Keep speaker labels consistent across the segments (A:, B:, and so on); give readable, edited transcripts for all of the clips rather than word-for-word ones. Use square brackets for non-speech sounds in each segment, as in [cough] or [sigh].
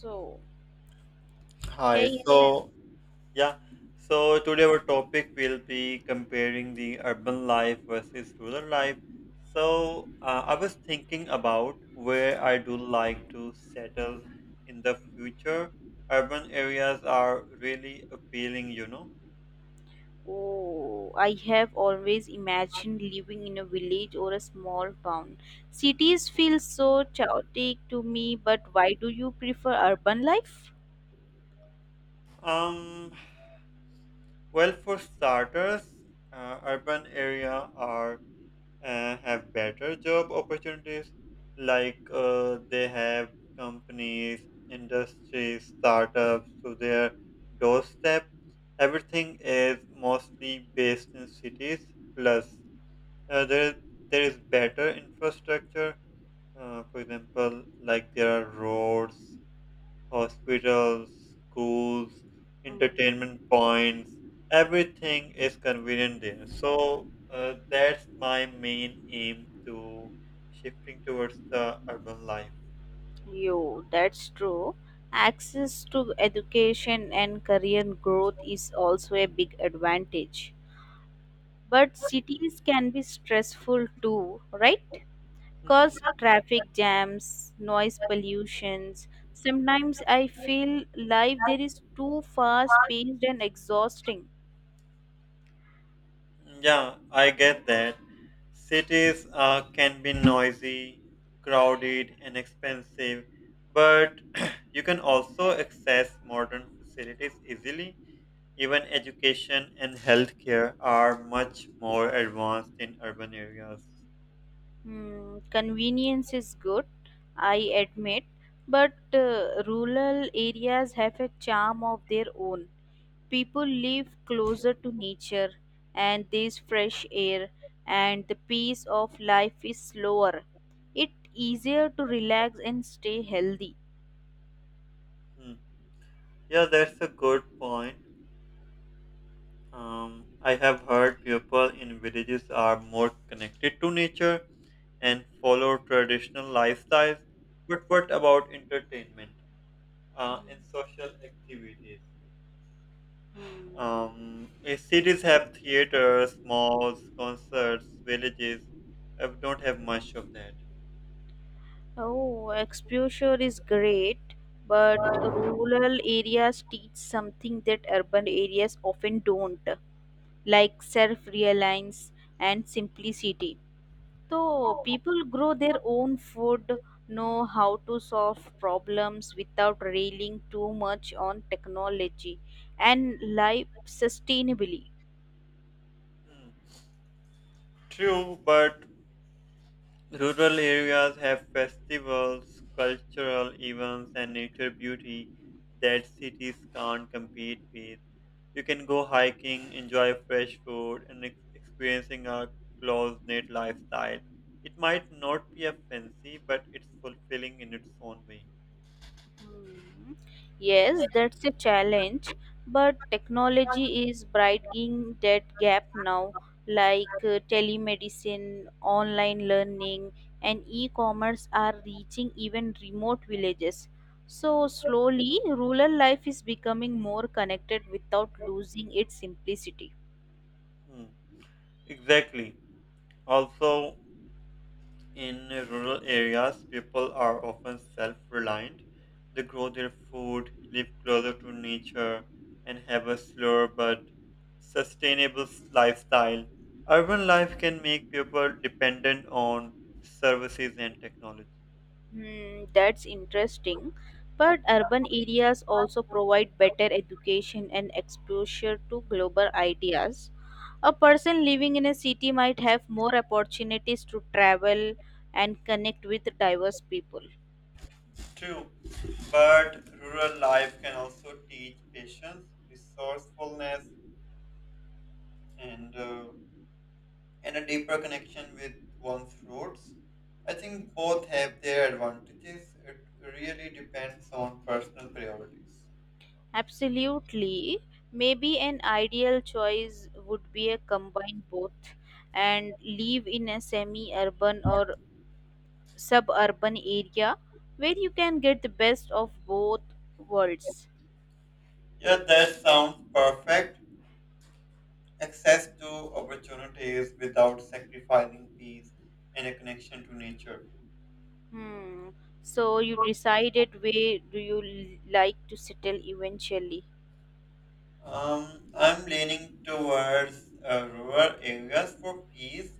A: So,
B: Hi.
A: hey,
B: So,
A: Yasin.
B: yeah. So today our topic will be comparing the urban life versus rural life. So I was thinking about where I do like to settle in the future. Urban areas are really appealing, you know.
A: Oh, I have always imagined living in a village or a small town. Cities feel so chaotic to me, but why do you prefer urban life?
B: Um, well, for starters, urban area are, have better job opportunities, like they have companies, industries, startups to their doorstep. Everything is mostly based in cities. Plus uh, there is there is better infrastructure. For example, like there are roads, hospitals, schools,
A: Mm.
B: entertainment points, everything is convenient there. So that's my main aim to shifting towards the urban life.
A: Yo, that's true. Access to education and career growth is also a big advantage. But cities can be stressful too, right?
B: Mhm.
A: Cause traffic jams, noise pollutions. Sometimes I
B: [laughs]
A: feel life there is too fast paced and exhausting.
B: Yeah, I get that. Cities can be noisy, crowded, and expensive, but [clears throat] you can also access modern facilities easily. Even education and healthcare are much more advanced in urban areas.
A: Hmm, convenience is good, I admit, but rural areas have a charm of their own. People live closer to nature and there's fresh air and the pace of life is slower. It's easier to relax and stay healthy.
B: Hmm. Yeah, that's a good point. I have heard people in villages are more connected to nature and follow traditional lifestyles. But what about entertainment and social activities?
A: Mhm.
B: Cities have theaters, malls, concerts. Villages, I don't have much of that.
A: Oh, exposure is great, but rural areas teach something that urban areas often don't, like self reliance and simplicity. So, people grow their own food, know how to solve problems without railing too much on technology, and live sustainably.
B: Hmm. True, but rural areas have festivals, cultural events, and nature beauty that cities can't compete with. You can go hiking, enjoy fresh food, and experiencing a close-knit lifestyle. It might not be a fancy, but it's fulfilling in its own way.
A: Hmm. Yes, that's a challenge, but technology is brightening that gap now, like telemedicine, online learning, and e-commerce are reaching even remote villages. So slowly, rural life is becoming more connected without losing its simplicity.
B: Hmm. Exactly. Also, in rural areas, people are often self reliant. They grow their food, live closer to nature, and have a slower but sustainable lifestyle. Urban life can make people dependent on services and technology.
A: Hmm, that's interesting. But urban areas also provide better education and exposure to global ideas. A person living in a city might have more opportunities to travel and connect with diverse people.
B: True, but rural life can also teach patience, resourcefulness, and uh, and a deeper connection with one's roots. I think both have their advantages. It really depends on personal priorities.
A: Absolutely. Maybe an ideal choice would be a combine both and live in a semi urban or suburban area where you can get the best of both worlds.
B: Yeah, that sounds perfect. Access to opportunities without sacrificing peace and a connection to nature.
A: Hmm. So you decided where do you like to settle eventually?
B: I'm leaning towards rural areas for peace,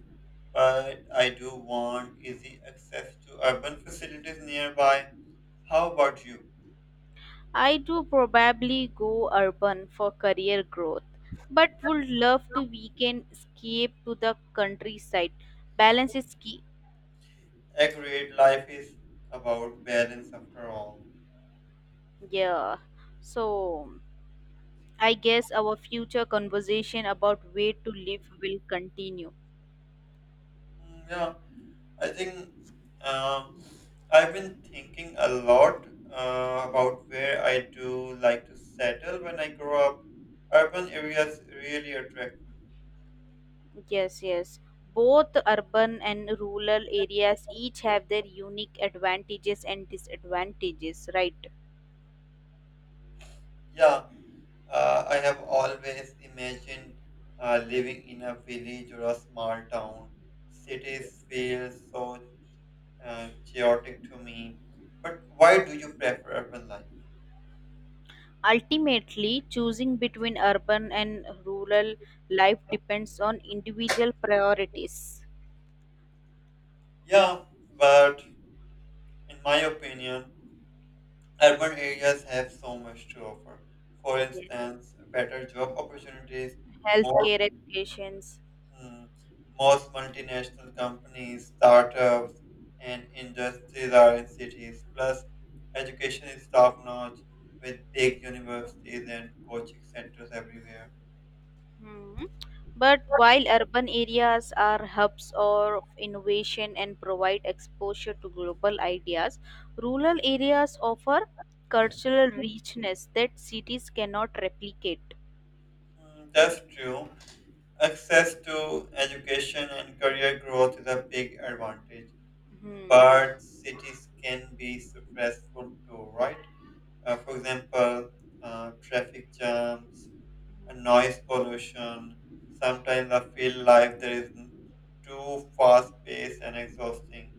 B: but I do want easy access to urban facilities nearby. How about you?
A: I do probably go urban for career growth, but would love to weekend escape to the countryside. Balance is key.
B: Accurate life is about balance after all.
A: Yeah. So I guess our future conversation about where to live will continue.
B: Mm, yeah, I think uh, I've been thinking a lot about where I do like to settle when I grow up. Urban areas really attract me.
A: Yes, yes. Both urban and rural areas each have their unique advantages and disadvantages, right?
B: Yeah, I have always imagined living in a village or a small town.
A: Yes.
B: Cities feel so chaotic to me. But why do you prefer urban life?
A: Ultimately, choosing between urban and rural life depends on individual priorities,
B: Yeah, but in my opinion, urban areas have so much to offer. For
A: yes,
B: instance, better job opportunities, more,
A: healthcare, educations.
B: mm, most multinational companies, startups, and industries are in cities. Plus, education is top notch with big universities and coaching centers everywhere.
A: Hmm. But while urban areas are hubs of innovation and provide exposure to global ideas, rural areas offer cultural richness that cities cannot replicate.
B: Mm, that's true. Access to education and career growth is a big advantage,
A: Hmm.
B: but cities can be stressful too, right? For example, traffic jams, noise pollution. Sometimes I feel life there is too fast paced and exhausting.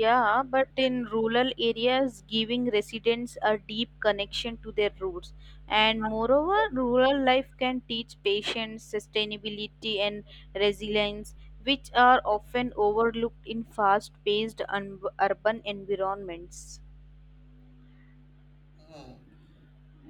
A: Yeah, but in rural areas, giving residents a deep connection to their roots. And moreover, rural life can teach patience, sustainability, and resilience, which are often overlooked in fast paced urban environments.
B: Hmm.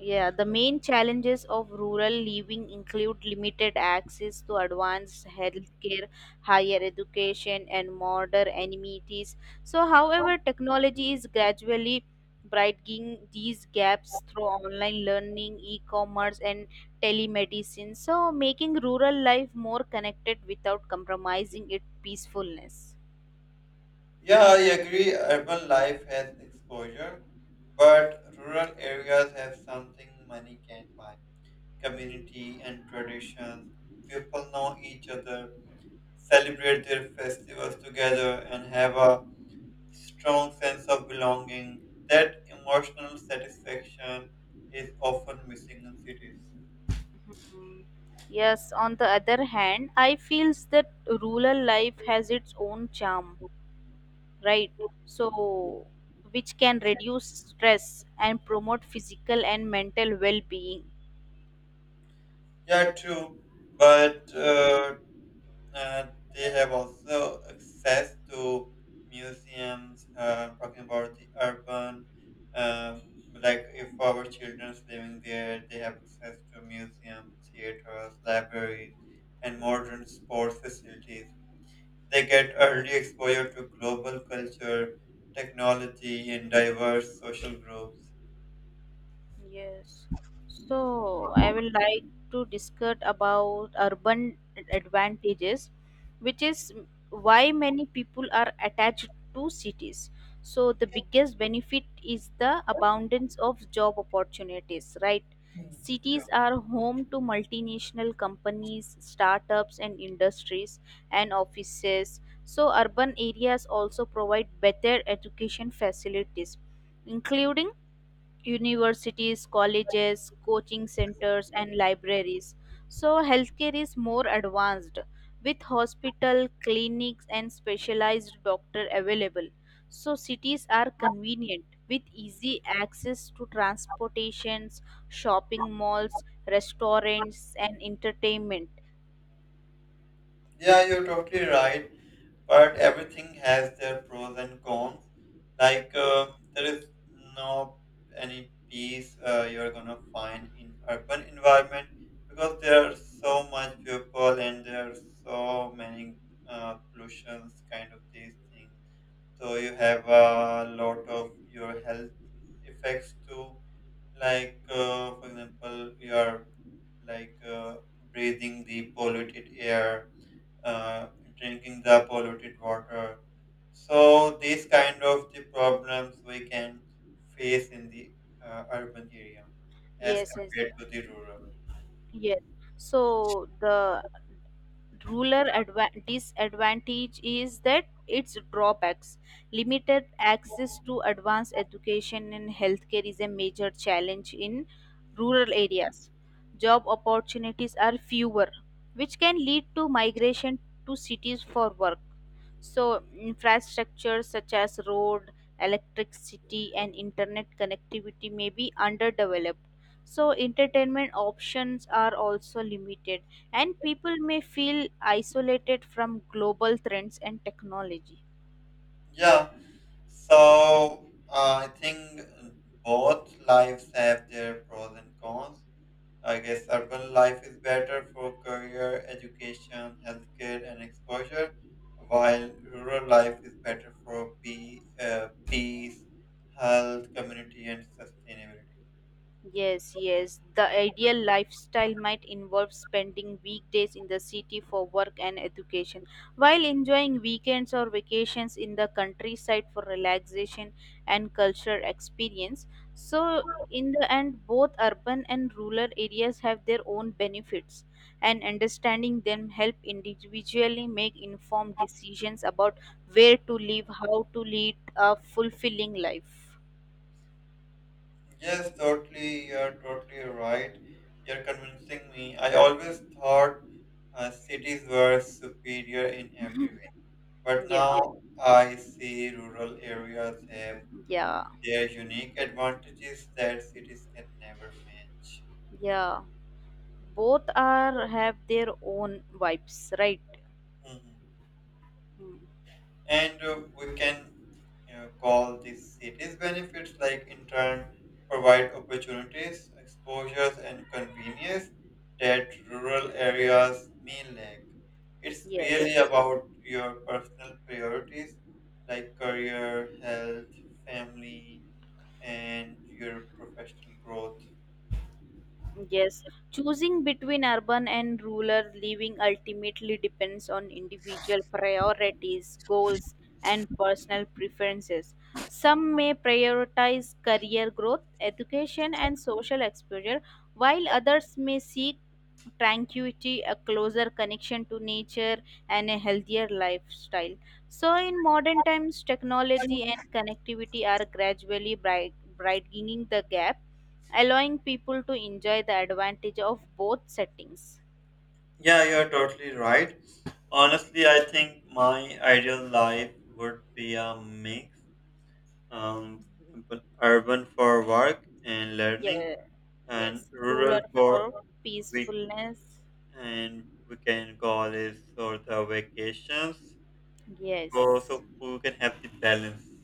A: Yeah, the main challenges of rural living include limited access to advanced healthcare, higher education, and modern amenities. So, however, technology is gradually brightening these gaps through online learning, e-commerce, and telemedicine. So, making rural life more connected without compromising its peacefulness.
B: Yeah, I agree. Urban life has exposure, but rural areas have something money can't buy:
A: Mm.
B: community and tradition. People know each other, celebrate their festivals together, and have a strong sense of belonging. That emotional satisfaction is often missing in cities.
A: Yes, on the other hand, I feels that rural life has its own charm, right? So which can reduce stress and promote physical and mental well-being.
B: Yeah, true, but uh, they have also access to museums. Talking about the urban, um, like if our children's living there, they have access to museums, theaters, libraries, and
A: Mm.
B: modern sports facilities. They get early exposure to global culture, technology, and diverse social groups.
A: Yes. So I will like to discuss about urban advantages, which is why many people are attached to cities. So the biggest benefit is the abundance of job opportunities, right?
B: Hmm.
A: Cities are home to multinational companies, startups and industries and offices. So urban areas also provide better education facilities, including universities, colleges, coaching centers, and libraries. So, healthcare is more advanced with hospital, clinics, and specialized doctor available. So, cities are convenient with easy access to transportations, shopping malls, restaurants, and entertainment.
B: Yeah, you're totally right, but everything has their pros and cons. Like,
A: Yes,
B: there is no any peace you're gonna find in urban environment, because there are so much people and there are so many pollutions, kind of these things. So you have a lot of your health effects too, like for example you are like, breathing the polluted air, uh, drinking the polluted water. So these kind of the problems we can face in the urban area as
A: yes, yes.
B: compared to the rural.
A: Yes. So, the ruler disadvantage is that its drawbacks limited access to advanced education and healthcare is a major challenge in rural areas. Job opportunities are fewer, which can lead to migration to cities for work. So infrastructure such as road, electricity and internet connectivity may be underdeveloped. So entertainment options are also limited and people may feel isolated from global trends and technology.
B: Yeah. So I think both lives have their pros and cons. I guess urban life is better for career, education, healthcare, and exposure, while rural life is better for peace, health, community, and sustainability.
A: Yes, yes. The ideal lifestyle might involve spending weekdays in the city for work and education, while enjoying weekends or vacations in the countryside for relaxation and cultural experience. So, in the end, both urban and rural areas have their own benefits, and understanding them help individually make informed decisions about where to live, how to lead a fulfilling life.
B: Yes, totally. You're totally right. You're convincing me. I always thought cities were superior in every way,
A: [laughs]
B: but
A: yeah,
B: now I see rural areas have
A: yeah,
B: their unique advantages that cities can never match.
A: yeah. Both are have their own vibes, right?
B: Mm-hmm.
A: Mm.
B: And we can, you know, call these cities benefits like in turn provide opportunities, exposures, and convenience that rural areas may lack. It's
A: Yes.
B: really about your personal priorities, like career, health, family, and your professional growth.
A: Yes, choosing between urban and rural living ultimately depends on individual priorities, goals, and personal preferences. Some may prioritize career growth, education, and social exposure, while others may seek tranquility, a closer connection to nature, and a healthier lifestyle. So, in modern times, technology and connectivity are gradually widening the gap, allowing people to enjoy the advantage of both settings.
B: Yeah, you're totally right. Honestly, I think my ideal life would be a mix. um, but urban for work and learning,
A: Yeah,
B: and
A: yes,
B: rural
A: ruler
B: for
A: for
B: week
A: peacefulness.
B: and weekend goals or the vacations. So,
A: Yes,
B: so we can have the balance.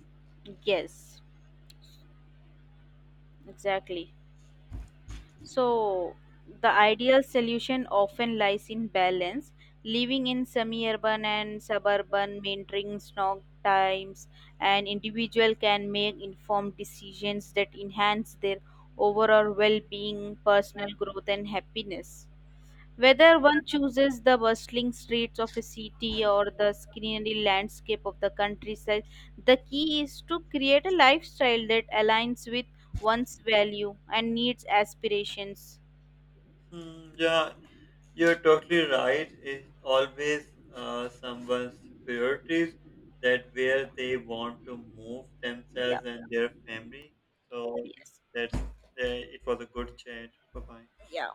A: yes, exactly. So, the ideal solution often lies in balance, living in semi urban and suburban, maintaining snog times, and individual can make informed decisions that enhance their overall well being, personal growth, and happiness. Whether one chooses the bustling streets of a city or the scenery landscape of the countryside, the key is to create a lifestyle that aligns with one's value and needs aspirations.
B: Hmm, yeah, you're totally right. It's always someone's priorities that where they want to move
A: Yeah,
B: themselves and their family. So I think
A: yes.
B: that's it was a good chat. Bye bye.
A: Yeah.